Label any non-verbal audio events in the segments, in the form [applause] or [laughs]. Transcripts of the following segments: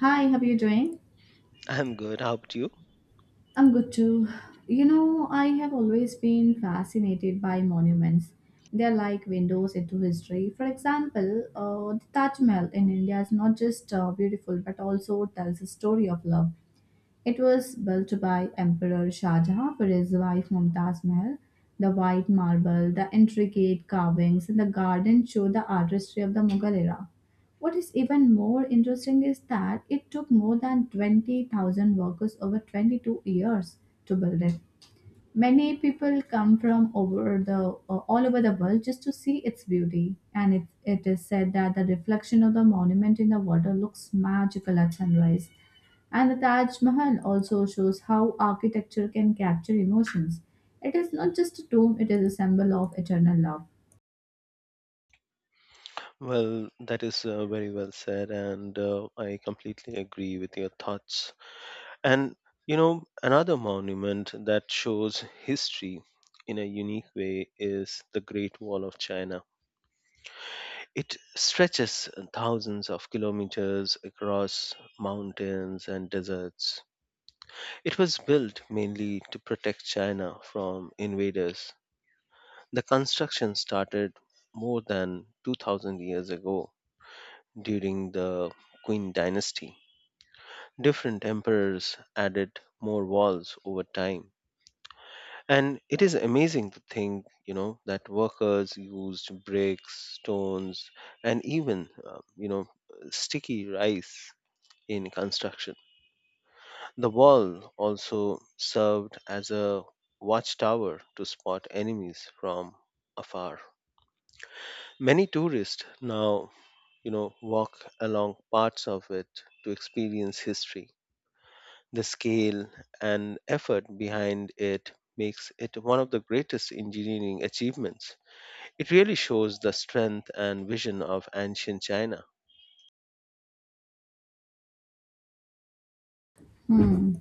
Hi, how are you doing? I'm good. How about you? I'm good too. You know, I have always been fascinated by monuments. They're like windows into history. For example, the Taj Mahal in India is not just beautiful but also tells a story of love. It was built by Emperor Shah Jahan for his wife Mumtaz Mahal. The white marble, the intricate carvings, and the garden show the artistry of the Mughal era. What is even more interesting is that it took more than 20,000 workers over 22 years to build it. Many people come from over the all over the world just to see its beauty, and it is said that the reflection of the monument in the water looks magical at sunrise. And the Taj Mahal also shows how architecture can capture emotions. It is not just a tomb, it is a symbol of eternal love. Well, that is very well said, and I completely agree with your thoughts. And another monument that shows history in a unique way is the Great Wall of China. It stretches thousands of kilometers across mountains and deserts. It was built mainly to protect China from invaders. The construction started more than 2000 years ago. During the Qing dynasty, different emperors added more walls over time. And it is amazing to think, that workers used bricks, stones, and even, sticky rice in construction. The wall also served as a watchtower to spot enemies from afar. Many tourists now walk along parts of it to experience history. The scale and effort behind it makes it one of the greatest engineering achievements. It really shows the strength and vision of ancient China. Hmm.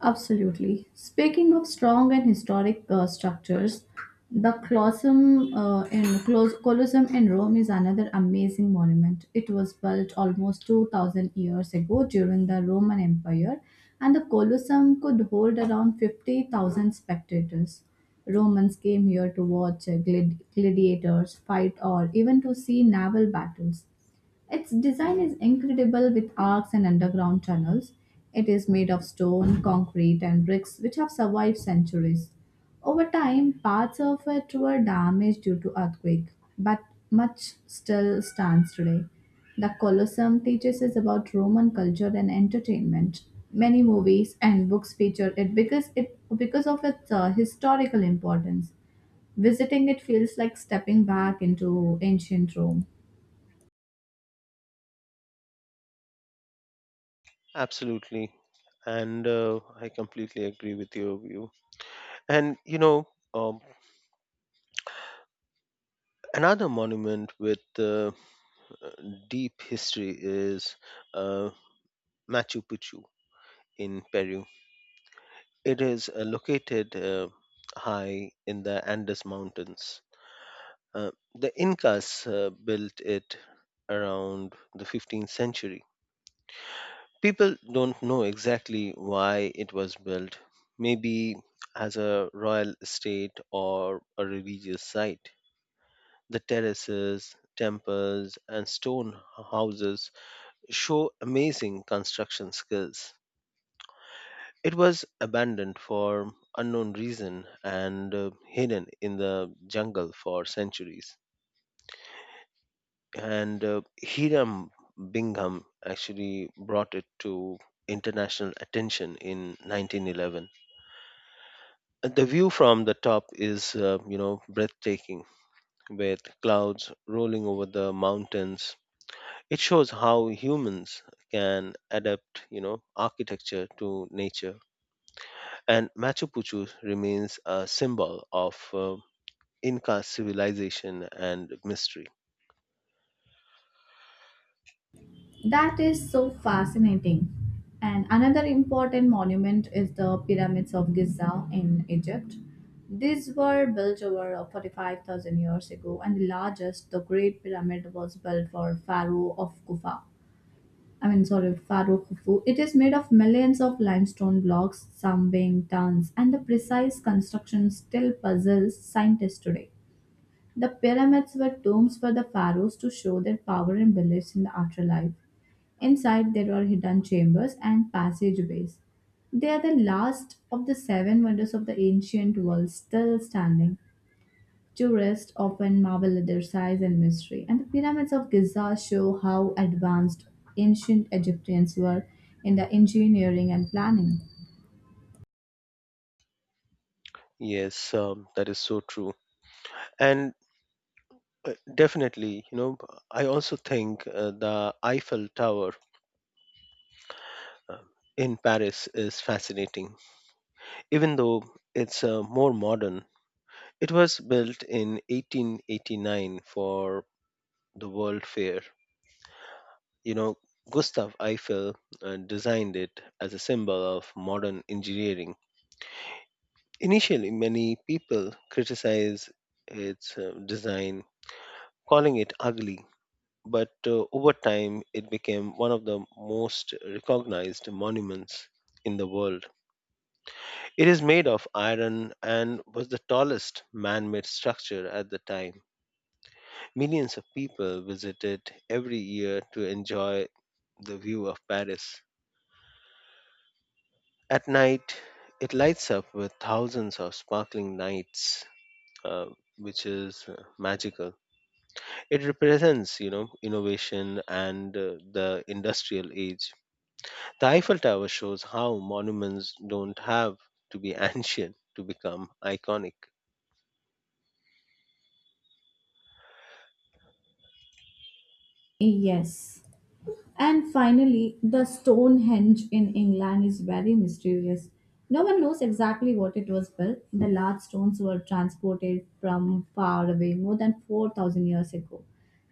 Absolutely. Speaking of strong and historic structures, the Colosseum in Rome is another amazing monument. It was built almost 2000 years ago during the Roman Empire, and the Colosseum could hold around 50,000 spectators. Romans came here to watch gladiators fight or even to see naval battles. Its design is incredible with arcs and underground tunnels. It is made of stone, concrete, and bricks which have survived centuries. Over time, parts of it were damaged due to earthquake, but much still stands today. The Colosseum teaches us about Roman culture and entertainment. Many movies and books feature it because of its historical importance. Visiting it feels like stepping back into ancient Rome. Absolutely. And I completely agree with your view. And, um, another monument with deep history is uh, Machu Picchu in Peru. It is located high in the Andes Mountains. Uh, the Incas built it around the 15th century. People don't know exactly why it was built, maybe as a royal estate or a religious site. The terraces, temples, and stone houses show amazing construction skills. It was abandoned for unknown reason and hidden in the jungle for centuries. And Hiram Bingham actually brought it to international attention in 1911. And the view from the top is, breathtaking, with clouds rolling over the mountains. It shows how humans can adapt architecture to nature. And Machu Picchu remains a symbol of Inca civilization and mystery. That is so fascinating. And another important monument is the Pyramids of Giza in Egypt. These were built over 45,000 years ago, and the largest, the Great Pyramid, was built for Pharaoh of Kufa. I mean, sorry, Pharaoh Khufu. It is made of millions of limestone blocks, some weighing tons, and the precise construction still puzzles scientists today. The pyramids were tombs for the pharaohs to show their power and beliefs in the afterlife. Inside, there are hidden chambers and passageways. They are the last of the seven wonders of the ancient world still standing. Tourists often marvel at their size and mystery, and the pyramids of Giza show how advanced ancient Egyptians were in the engineering and planning. Yes, that is so true. And definitely, I also think the Eiffel Tower uh, in Paris is fascinating. Even though it's more modern, it was built in 1889 for the World Fair. You know, Gustav Eiffel designed it as a symbol of modern engineering. Initially, many people criticize its design, calling it ugly, but over time it became one of the most recognized monuments in the world. It is made of iron and was the tallest man made structure at the time. Millions of people visit it every year to enjoy the view of Paris. At night, it lights up with thousands of sparkling lights, uh, which is magical. It represents, innovation and the industrial age. The Eiffel Tower shows how monuments don't have to be [laughs] ancient to become iconic. Yes. And finally, the Stonehenge in England is very mysterious. No one knows exactly what it was built. The large stones were transported from far away more than 4,000 years ago.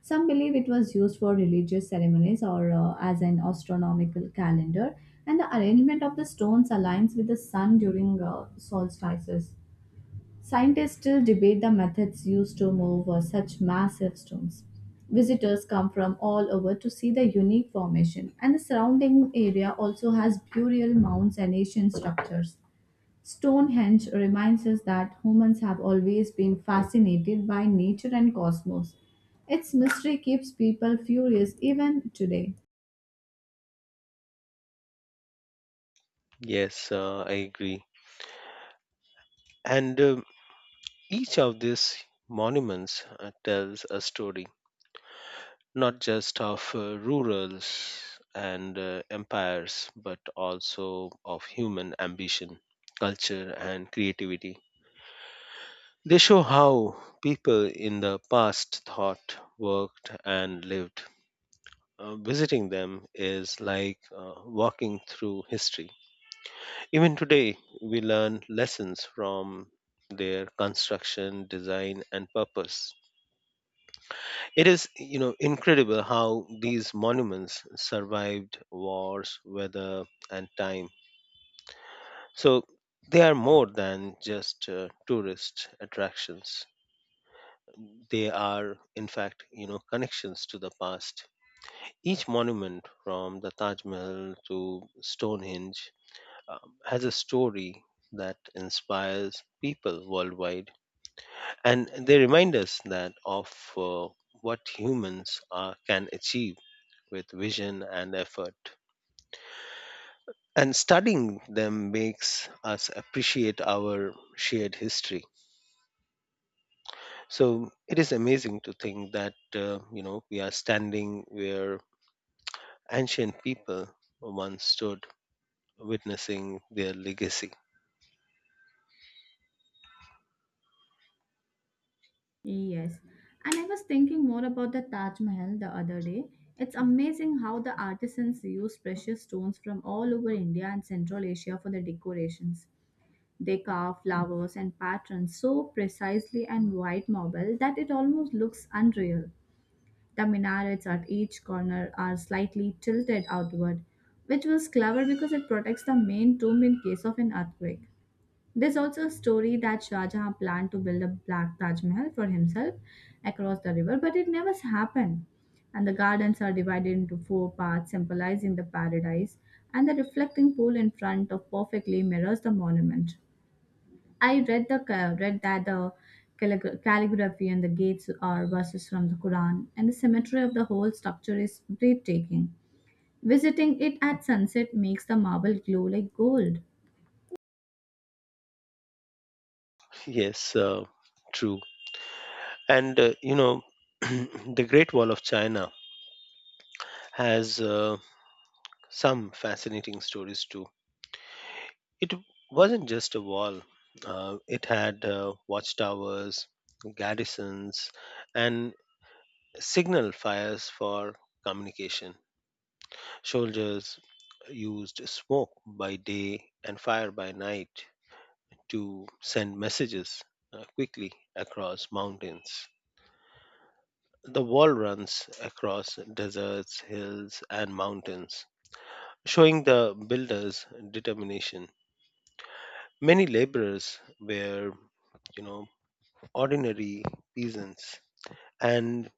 Some believe it was used for religious ceremonies or as an astronomical calendar, and the arrangement of the stones aligns with the sun during solstices. Scientists still debate the methods used to move such massive stones. Visitors come from all over to see the unique formation, and the surrounding area also has burial mounds and ancient structures. Stonehenge reminds us that humans have always been fascinated by nature and cosmos. Its mystery keeps people furious even today. Yes, I agree. And each of these monuments tells a story, not just of rurals and empires, but also of human ambition, culture, and creativity. They show how people in the past thought, worked, and lived. Visiting them is like walking through history. Even today, we learn lessons from their construction, design, and purpose. It is, incredible how these monuments survived wars, weather, and time. So they are more than just tourist attractions. They are, in fact, connections to the past. Each monument, from the Taj Mahal to Stonehenge, has a story that inspires people worldwide. And they remind us that of uh, what humans are, can achieve with vision and effort. And studying them makes us appreciate our shared history. So it is amazing to think that, we are standing where ancient people once stood, witnessing their legacy. Yes. And I was thinking more about the Taj Mahal the other day. It's amazing how the artisans used precious stones from all over India and Central Asia for the decorations. They carve flowers and patterns so precisely and white marble that it almost looks unreal. The minarets at each corner are slightly tilted outward, which was clever because it protects the main tomb in case of an earthquake. There's also a story that Shah Jahan planned to build a black Taj Mahal for himself across the river, but it never happened. And the gardens are divided into four parts, symbolizing the paradise, and the reflecting pool in front of perfectly mirrors the monument. I read that the calligraphy and the gates are verses from the Quran, and the symmetry of the whole structure is breathtaking. Visiting it at sunset makes the marble glow like gold. Yes, true. And [clears throat] the Great Wall of China has some fascinating stories too. It wasn't just a wall, it had watchtowers, garrisons, and signal fires for communication. Soldiers used smoke by day and fire by night to send messages quickly across mountains. The wall runs across deserts, hills, and mountains showing the builder's determination. Many laborers were, you know, ordinary peasants, and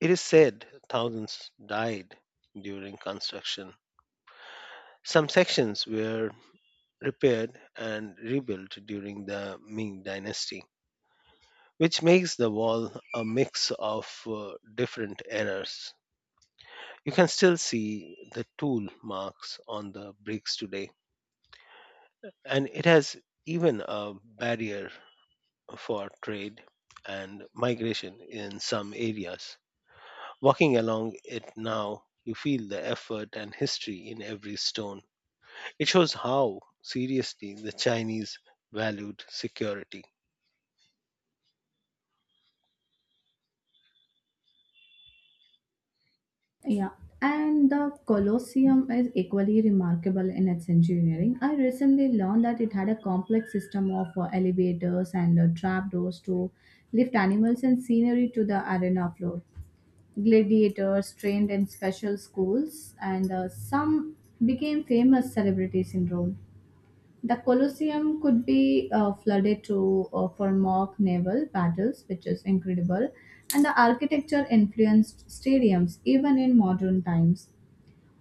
it is said thousands died during construction. Some sections were repaired and rebuilt during the Ming dynasty, which makes the wall a mix of different eras. You can still see the tool marks on the bricks today, and it has even a barrier for trade and migration in some areas. Walking along it now, you feel the effort and history in every stone. It shows how seriously the Chinese valued security. Yeah, and the Colosseum is equally remarkable in its engineering. I recently learned that it had a complex system of elevators and trapdoors to lift animals and scenery to the arena floor. Gladiators trained in special schools, and some became famous celebrities in Rome. The Colosseum could be flooded to for mock naval battles, which is incredible, and the architecture influenced stadiums even in modern times.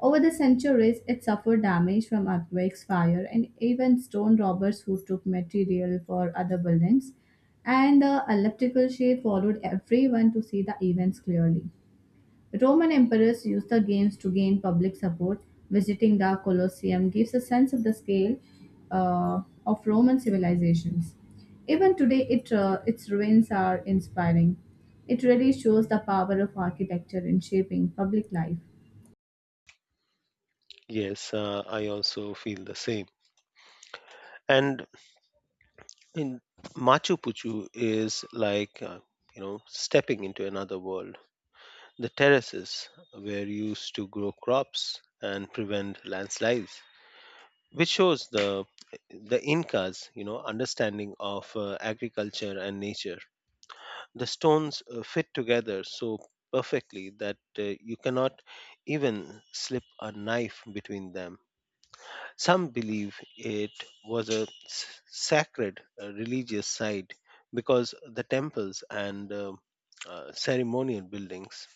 Over the centuries, it suffered damage from earthquakes, fire, and even stone robbers who took material for other buildings. And the elliptical shape followed everyone to see the events clearly. Roman emperors used the games to gain public support. Visiting the Colosseum gives a sense of the scale uh, of Roman civilizations. Even today, its ruins are inspiring. It really shows the power of architecture in shaping public life. Yes, I also feel the same. And in Machu Picchu is like, stepping into another world. The terraces were used to grow crops and prevent landslides. Which shows the Incas, understanding of agriculture and nature. The stones fit together so perfectly that you cannot even slip a knife between them. Some believe it was a sacred religious site because the temples and ceremonial buildings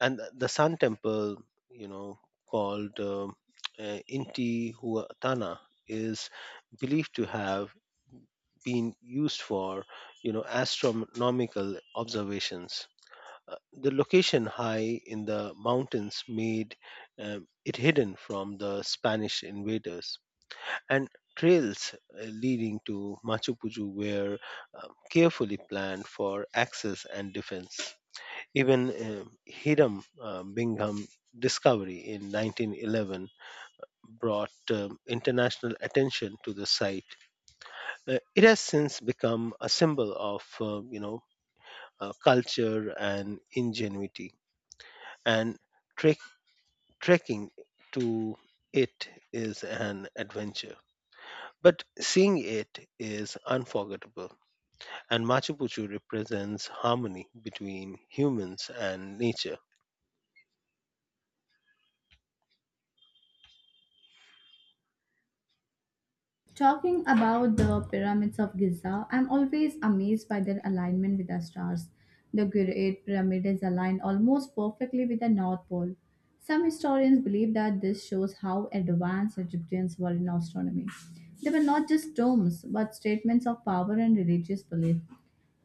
and the sun temple you know called intihuatana is believed to have been used for astronomical observations. Uh, the location high in the mountains made um, it hidden from the Spanish invaders, and trails leading to Machu Picchu were um, carefully planned for access and defense. Even Hiram Bingham discovery in 1911 brought international attention to the site. It has since become a symbol of culture and ingenuity, and trek- trekking to it is an adventure. But seeing it is unforgettable, and Machu Picchu represents harmony between humans and nature. Talking about the pyramids of Giza, I'm always amazed by their alignment with the stars. The Great Pyramid is aligned almost perfectly with the North Pole. Some historians believe that this shows how advanced Egyptians were in astronomy. They were not just tombs, but statements of power and religious belief.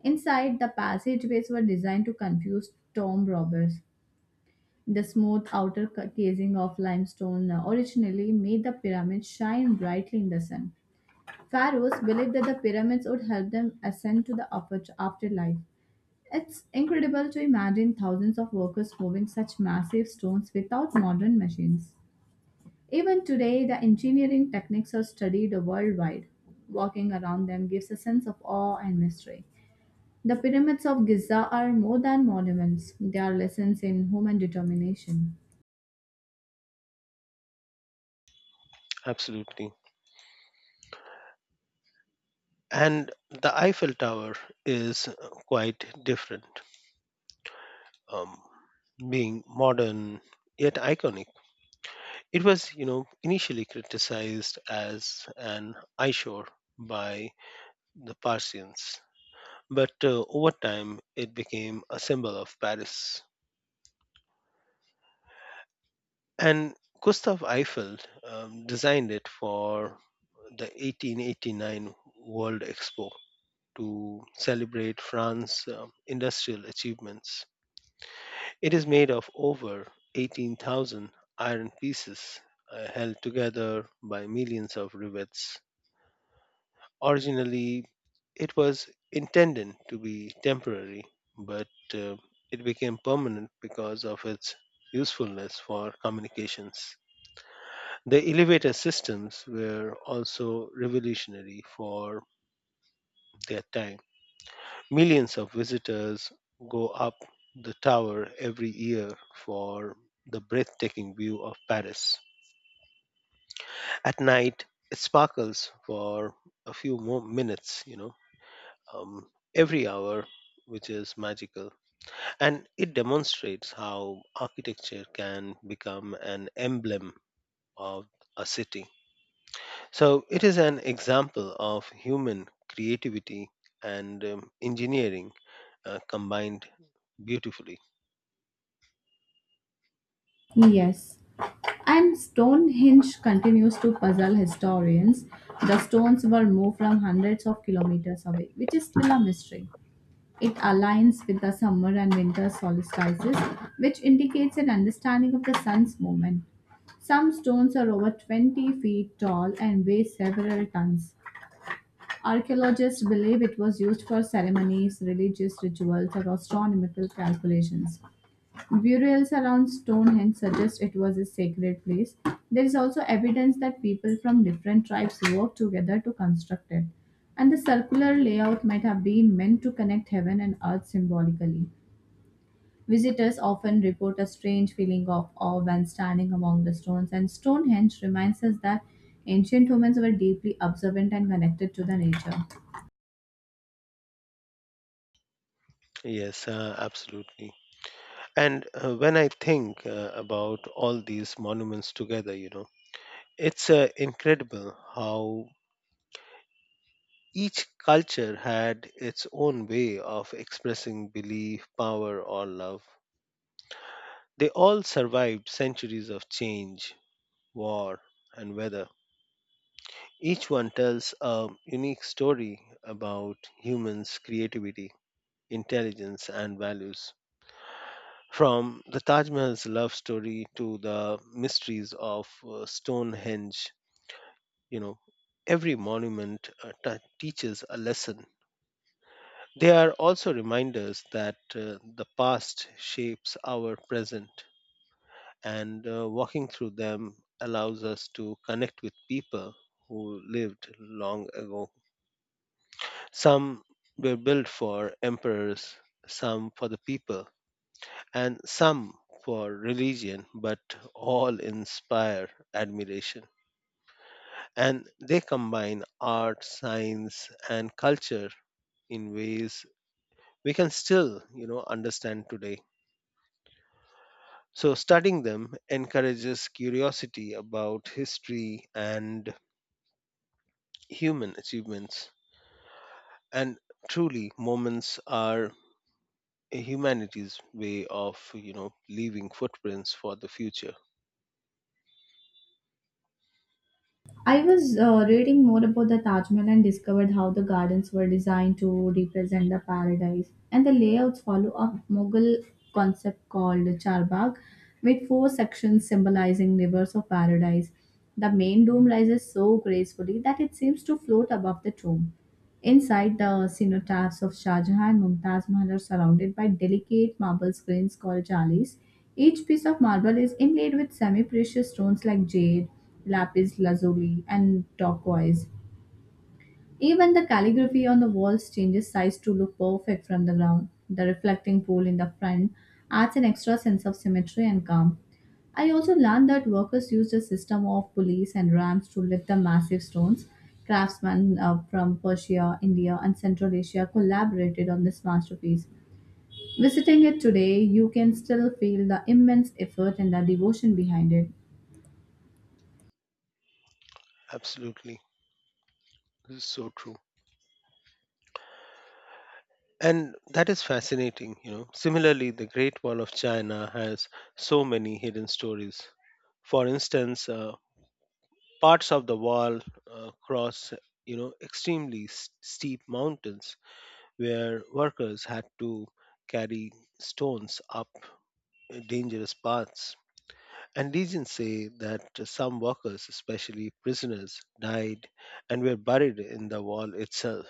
Inside, the passageways were designed to confuse tomb robbers. The smooth outer casing of limestone originally made the pyramid shine brightly in the sun. Pharaohs believed that the pyramids would help them ascend to the upper afterlife. It's incredible to imagine thousands of workers moving such massive stones without modern machines. Even today, the engineering techniques are studied worldwide. Walking around them gives a sense of awe and mystery. The pyramids of Giza are more than monuments, they are lessons in human determination. Absolutely. And the Eiffel Tower is quite different, um, being modern yet iconic. It was, initially criticized as an eyesore by the Parisians, but over time it became a symbol of Paris. And Gustav Eiffel designed it for the 1889 World Expo to celebrate France's industrial achievements. It is made of over 18,000 iron pieces held together by millions of rivets. Originally, it was intended to be temporary, but uh, it became permanent because of its usefulness for communications. The elevator systems were also revolutionary for their time. Millions of visitors go up the tower every year for the breathtaking view of Paris. At night, it sparkles for a few more minutes, um, every hour, which is magical. And it demonstrates how architecture can become an emblem of a city. So it is an example of human creativity and engineering combined beautifully. Yes, and Stonehenge continues to puzzle historians. The stones were moved from hundreds of kilometers away, which is still a mystery. It aligns with the summer and winter solstices, which indicates an understanding of the sun's movement. Some stones are over 20 feet tall and weigh several tons. Archaeologists believe it was used for ceremonies, religious rituals, or astronomical calculations. Burials around Stonehenge suggest it was a sacred place. There is also evidence that people from different tribes worked together to construct it. And the circular layout might have been meant to connect heaven and earth symbolically. Visitors often report a strange feeling of awe when standing among the stones, and Stonehenge reminds us that ancient humans were deeply observant and connected to the nature. Yes, absolutely. And when I think about all these monuments together, it's incredible how each culture had its own way of expressing belief, power, or love. They all survived centuries of change, war, and weather. Each one tells a unique story about humans' creativity, intelligence, and values. From the Taj Mahal's love story to the mysteries of Stonehenge, you know, every monument ta teaches a lesson. They are also reminders that the past shapes our present, and walking through them allows us to connect with people who lived long ago. Some were built for emperors, some for the people and some for religion, but all inspire admiration. And they combine art, science, and culture in ways we can still, understand today. So studying them encourages curiosity about history and human achievements. And truly, moments are humanity's way of, leaving footprints for the future. I was reading more about the Taj Mahal and discovered how the gardens were designed to represent the paradise. And the layouts follow a Mughal concept called Charbagh, with four sections symbolizing rivers of paradise. The main dome rises so gracefully that it seems to float above the tomb. Inside the cenotaphs of Shah Jahan and Mumtaz Mahal are surrounded by delicate marble screens called jalis. Each piece of marble is inlaid with semi-precious stones like jade, lapis lazuli, and turquoise. Even the calligraphy on the walls changes size to look perfect from the ground. The reflecting pool in the front adds an extra sense of symmetry and calm. I also learned that workers used a system of pulleys and rams to lift the massive stones. Craftsmen from Persia, India, and Central Asia collaborated on this masterpiece. Visiting it today, you can still feel the immense effort and the devotion behind it. Absolutely. This is so true. And that is fascinating. Similarly, the Great Wall of China has so many hidden stories. For instance, parts of the wall cross, extremely steep mountains where workers had to carry stones up dangerous paths. And legends say that some workers, especially prisoners, died and were buried in the wall itself,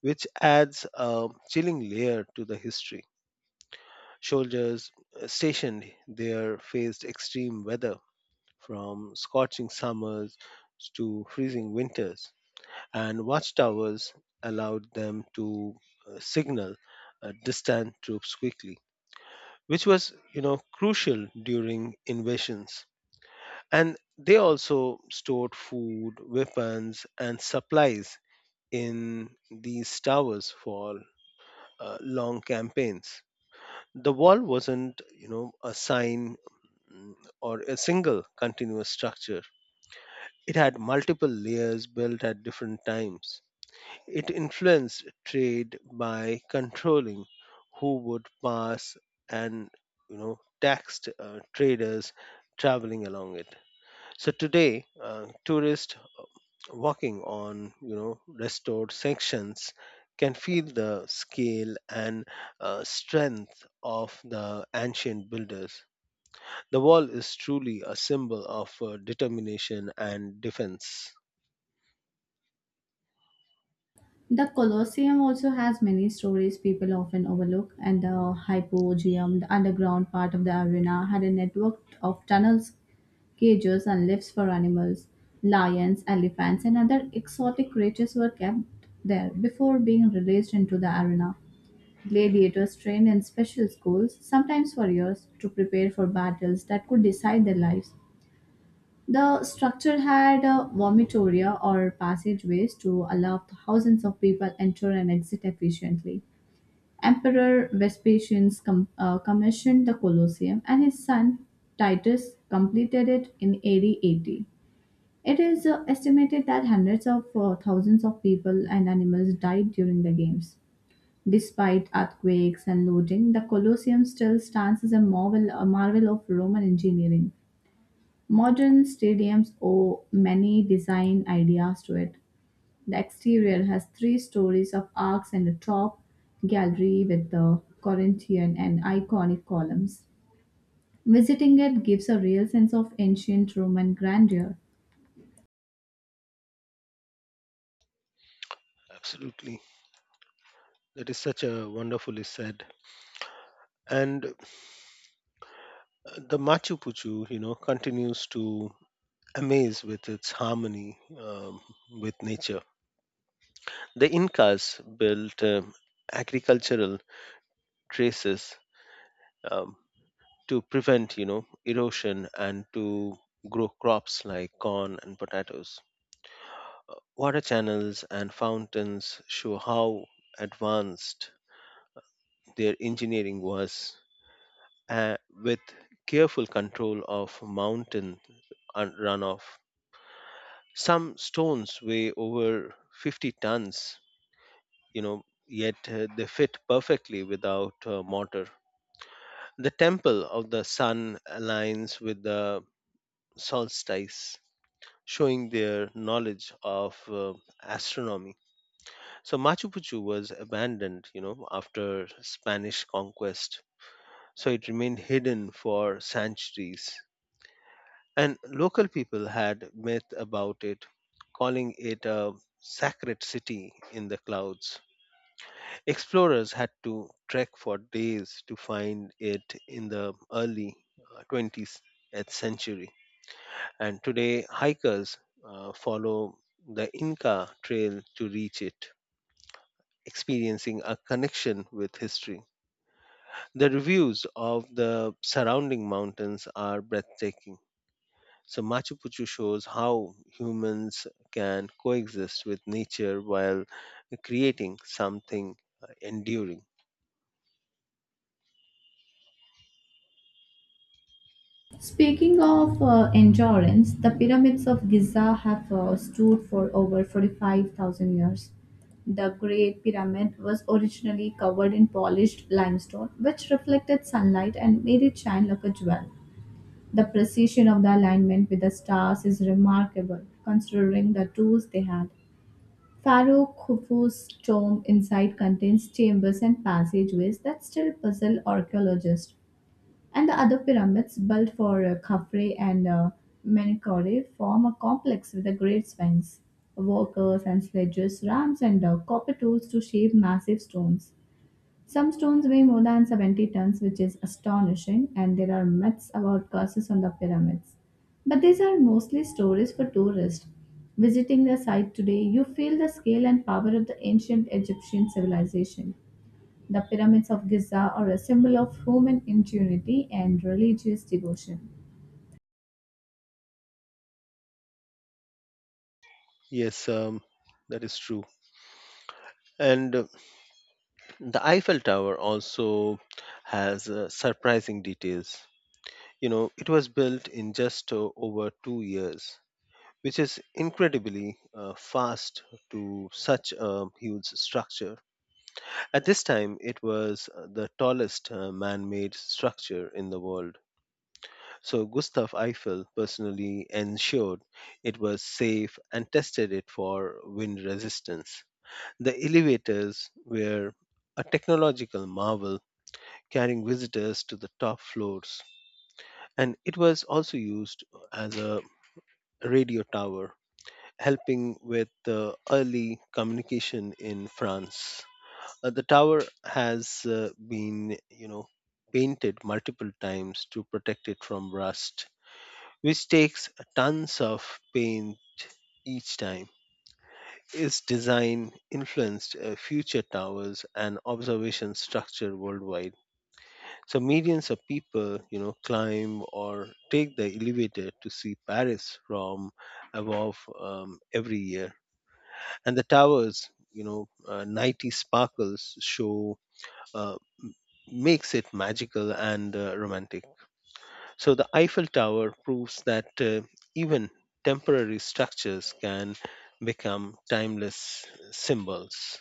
which adds a chilling layer to the history. Soldiers stationed there faced extreme weather from scorching summers to freezing winters, and watchtowers allowed them to signal distant troops quickly, which was, crucial during invasions. And they also stored food, weapons, and supplies in these towers for long campaigns. The wall wasn't, a sign, mm, or a single continuous structure. It had multiple layers built at different times. It influenced trade by controlling who would pass, and taxed traders traveling along it. So today, tourists walking on restored sections can feel the scale and strength of the ancient builders. The wall is truly a symbol of determination and defense. The Colosseum also has many stories people often overlook, and the Hypogeum, the underground part of the arena, had a network of tunnels, cages, and lifts for animals. Lions, elephants, and other exotic creatures were kept there before being released into the arena. Gladiators trained in special schools, sometimes for years, to prepare for battles that could decide their lives. The structure had vomitoria or passageways to allow thousands of people enter and exit efficiently. Emperor Vespasian commissioned the Colosseum, and his son Titus completed it in AD 80. It is estimated that hundreds of thousands of people and animals died during the games. Despite earthquakes and looting, the Colosseum still stands as a marvel of Roman engineering. Modern stadiums owe many design ideas to it. The exterior has three stories of arcs and a top gallery with the Corinthian and iconic columns. Visiting it gives a real sense of ancient Roman grandeur. Absolutely. That is such a wonderfully said. And the Machu Picchu, continues to amaze with its harmony with nature. The Incas built agricultural traces um, to prevent, erosion and to grow crops like corn and potatoes. Water channels and fountains show how advanced their engineering was, with careful control of mountain runoff. Some stones weigh over 50 tons, you know, yet they fit perfectly without mortar. The temple of the sun aligns with the solstice, showing their knowledge of astronomy. So Machu Picchu was abandoned, you know, after Spanish conquest. So it remained hidden for centuries. And local people had myth about it, calling it a sacred city in the clouds. Explorers had to trek for days to find it in the early 20th century. And today, hikers follow the Inca Trail to reach it, experiencing a connection with history. The reviews of the surrounding mountains are breathtaking. So Machu Picchu shows how humans can coexist with nature while creating something enduring. Speaking of endurance, the pyramids of Giza have stood for over 45,000 years. The Great Pyramid was originally covered in polished limestone, which reflected sunlight and made it shine like a jewel. The precision of the alignment with the stars is remarkable, considering the tools they had. Pharaoh Khufu's tomb inside contains chambers and passageways that still puzzle archaeologists. And the other pyramids, built for Khafre and Menkaure, form a complex with a great sphinx, workers and sledges, ramps, and copper tools to shape massive stones. Some stones weigh more than 70 tons, which is astonishing, and there are myths about curses on the pyramids. But these are mostly stories for tourists. Visiting the site today, you feel the scale and power of the ancient Egyptian civilization. The pyramids of Giza are a symbol of human ingenuity and religious devotion. Yes, that is true. And the Eiffel Tower also has surprising details. It was built in just over 2 years, which is incredibly fast to such a huge structure. At this time, it was the tallest man made structure in the world. So Gustav Eiffel personally ensured it was safe and tested it for wind resistance. The elevators were a technological marvel, carrying visitors to the top floors. And it was also used as a radio tower, helping with the early communication in France. The tower has been, painted multiple times to protect it from rust which takes tons of paint each time. Its design influenced future towers and observation structure worldwide. So millions of people, climb or take the elevator to see Paris from above every year. And the towers, nighty sparkles show uh, makes it magical and romantic. So the Eiffel Tower proves that even temporary structures can become timeless symbols.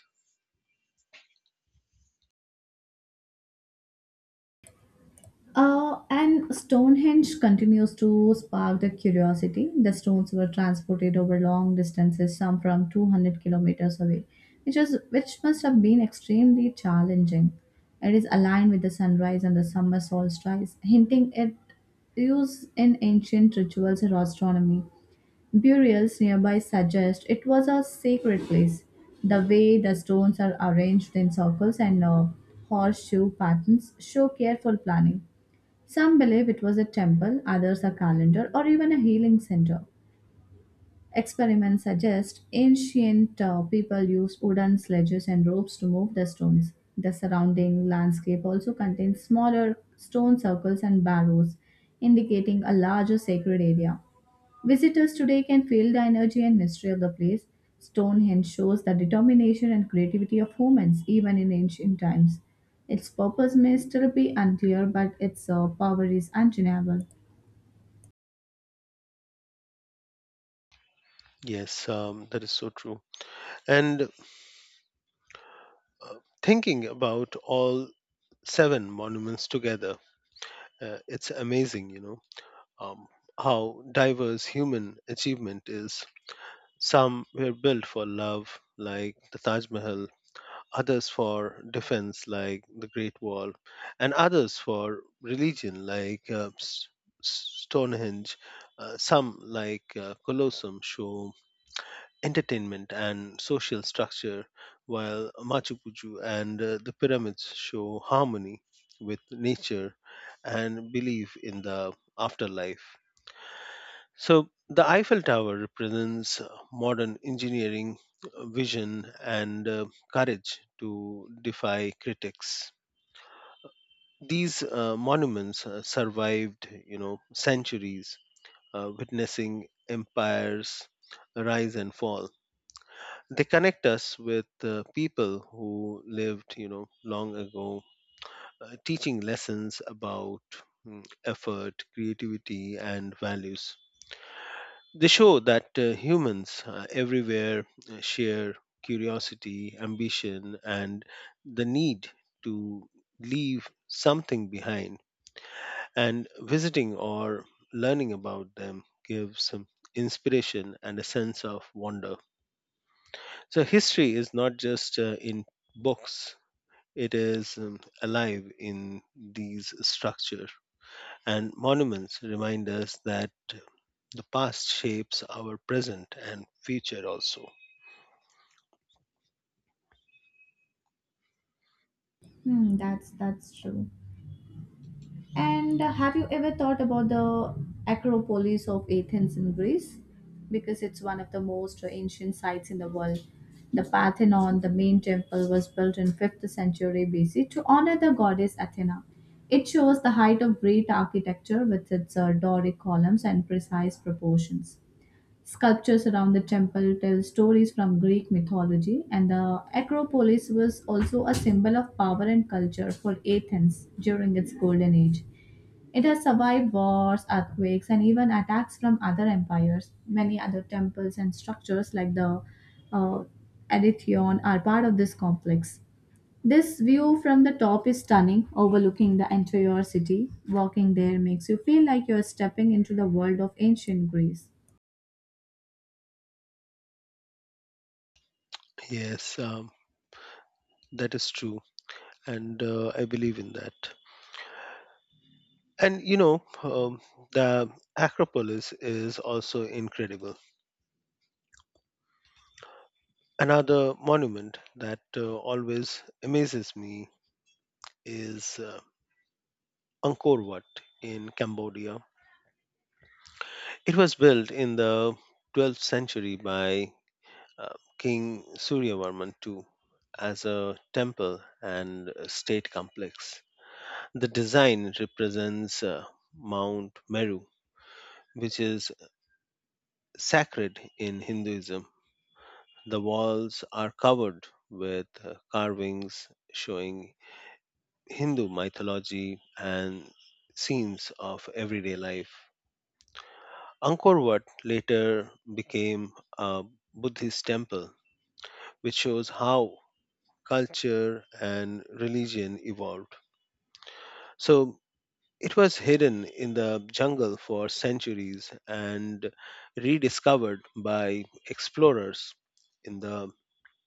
And Stonehenge continues to spark the curiosity. The stones were transported over long distances, some from 200 kilometers away, which must have been extremely challenging. It is aligned with the sunrise and the summer solstice, hinting at use in ancient rituals or astronomy. Burials nearby suggest it was a sacred place. The way the stones are arranged in circles and horseshoe patterns show careful planning. Some believe it was a temple, others a calendar, or even a healing center. Experiments suggest ancient people used wooden sledges and ropes to move the stones. The surrounding landscape also contains smaller stone circles and barrows, indicating a larger sacred area. Visitors today can feel the energy and mystery of the place. Stonehenge shows the determination and creativity of humans, even in ancient times. Its purpose may still be unclear, but its power is undeniable. Yes, that is so true. And uh, thinking about all seven monuments together, it's amazing, um, how diverse human achievement is. Some were built for love, like the Taj Mahal, others for defense, like the Great Wall, and others for religion, like Stonehenge. Some, like Colosseum, show entertainment and social structure, while Machu Picchu and the pyramids show harmony with nature and belief in the afterlife. So the Eiffel Tower represents modern engineering vision and courage to defy critics. These monuments survived, centuries, witnessing empires rise and fall. They connect us with people who lived, long ago, teaching lessons about effort, creativity, and values. They show that humans everywhere share curiosity, ambition, and the need to leave something behind. And visiting or learning about them gives some inspiration and a sense of wonder. So history is not just in books, it is alive in these structures and monuments remind us that the past shapes our present and future also. That's true. And have you ever thought about the Acropolis of Athens in Greece? Because it's one of the most ancient sites in the world. The Parthenon, the main temple, was built in 5th century BC to honor the goddess Athena. It shows the height of great architecture with its Doric columns and precise proportions. Sculptures around the temple tell stories from Greek mythology, and the Acropolis was also a symbol of power and culture for Athens during its golden age. It has survived wars, earthquakes, and even attacks from other empires. Many other temples and structures, like the uh, Aretheon, are part of this complex. This view from the top is stunning, overlooking the entire city. Walking there makes you feel like you're stepping into the world of ancient Greece. Yes, that is true, and I believe in that. And the Acropolis is also incredible. Another monument that always amazes me is Angkor Wat in Cambodia. It was built in the 12th century by uh, King Suryavarman II as a temple and a state complex. The design represents Mount Meru, which is sacred in Hinduism. The walls are covered with carvings showing Hindu mythology and scenes of everyday life. Angkor Wat later became a Buddhist temple, which shows how culture, and religion evolved. So it was hidden in the jungle for centuries and rediscovered by explorers in the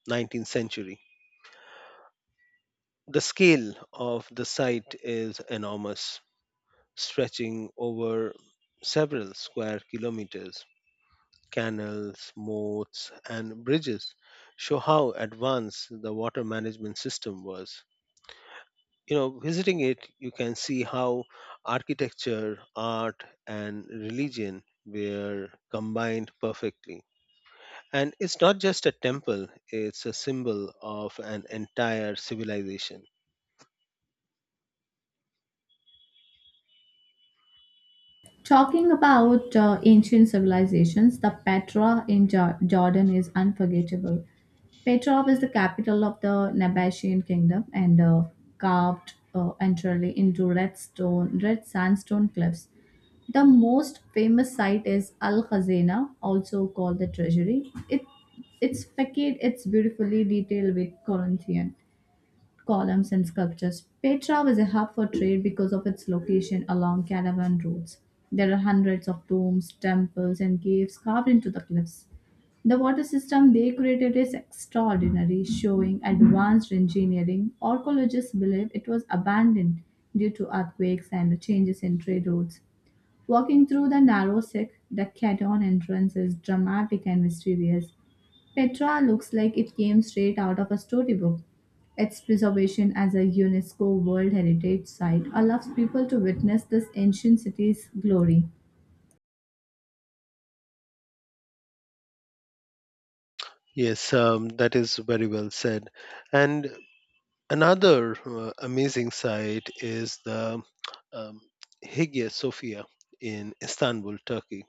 19th century. The scale of the site is enormous, stretching over several square kilometers. Canals, moats, and bridges show how advanced the water management system was. Visiting it you can see how architecture, art, and religion were combined perfectly, and it's not just a temple, it's a symbol of an entire civilization. Talking about ancient civilizations, the Petra in Jordan is unforgettable. Petra was the capital of the Nabatean kingdom and carved entirely into red sandstone cliffs. The most famous site is Al Khazena, also called the Treasury. Its facade it's beautifully detailed with Corinthian columns and sculptures. Petra was a hub for trade because of its location along caravan routes. There are hundreds of tombs, temples, and caves carved into the cliffs. The water system they created is extraordinary, showing advanced engineering. Archaeologists believe it was abandoned due to earthquakes and changes in trade routes. Walking through the narrow Sikh, the entrance is dramatic and mysterious. Petra looks like it came straight out of a storybook. Its preservation as a UNESCO World Heritage Site allows people to witness this ancient city's glory. Yes, that is very well said. And another amazing site is the um, Hagia Sophia in Istanbul, Turkey.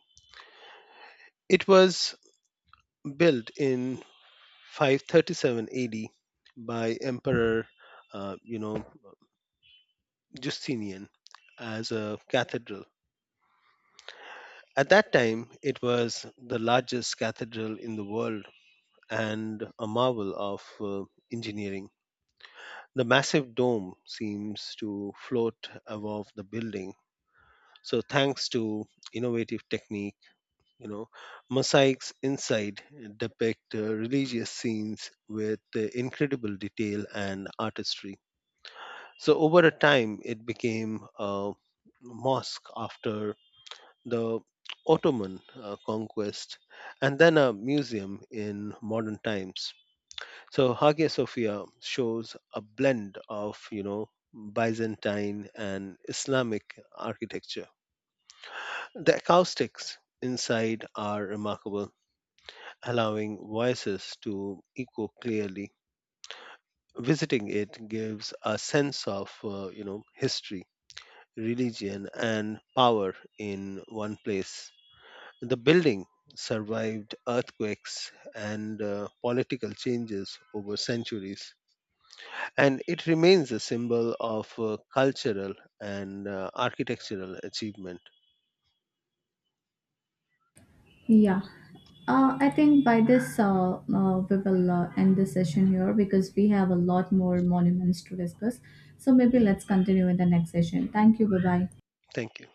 It was built in 537 AD by Emperor uh, you know Justinian as a cathedral. At that time, it was the largest cathedral in the world and a marvel of engineering. The massive dome seems to float above the building. So, thanks to innovative technique, you know, mosaics inside depict religious scenes with incredible detail and artistry. So over a time, it became a mosque after the Ottoman conquest, and then a museum in modern times. So Hagia Sophia shows a blend of Byzantine and Islamic architecture. The acoustics inside are remarkable, allowing voices to echo clearly. Visiting it gives a sense of history, religion, and power in one place. The building survived earthquakes and political changes over centuries, and it remains a symbol of cultural and architectural achievement. Yeah. I think by this we will end the session here because we have a lot more monuments to discuss. So maybe let's continue in the next session. Thank you. Bye bye. Thank you.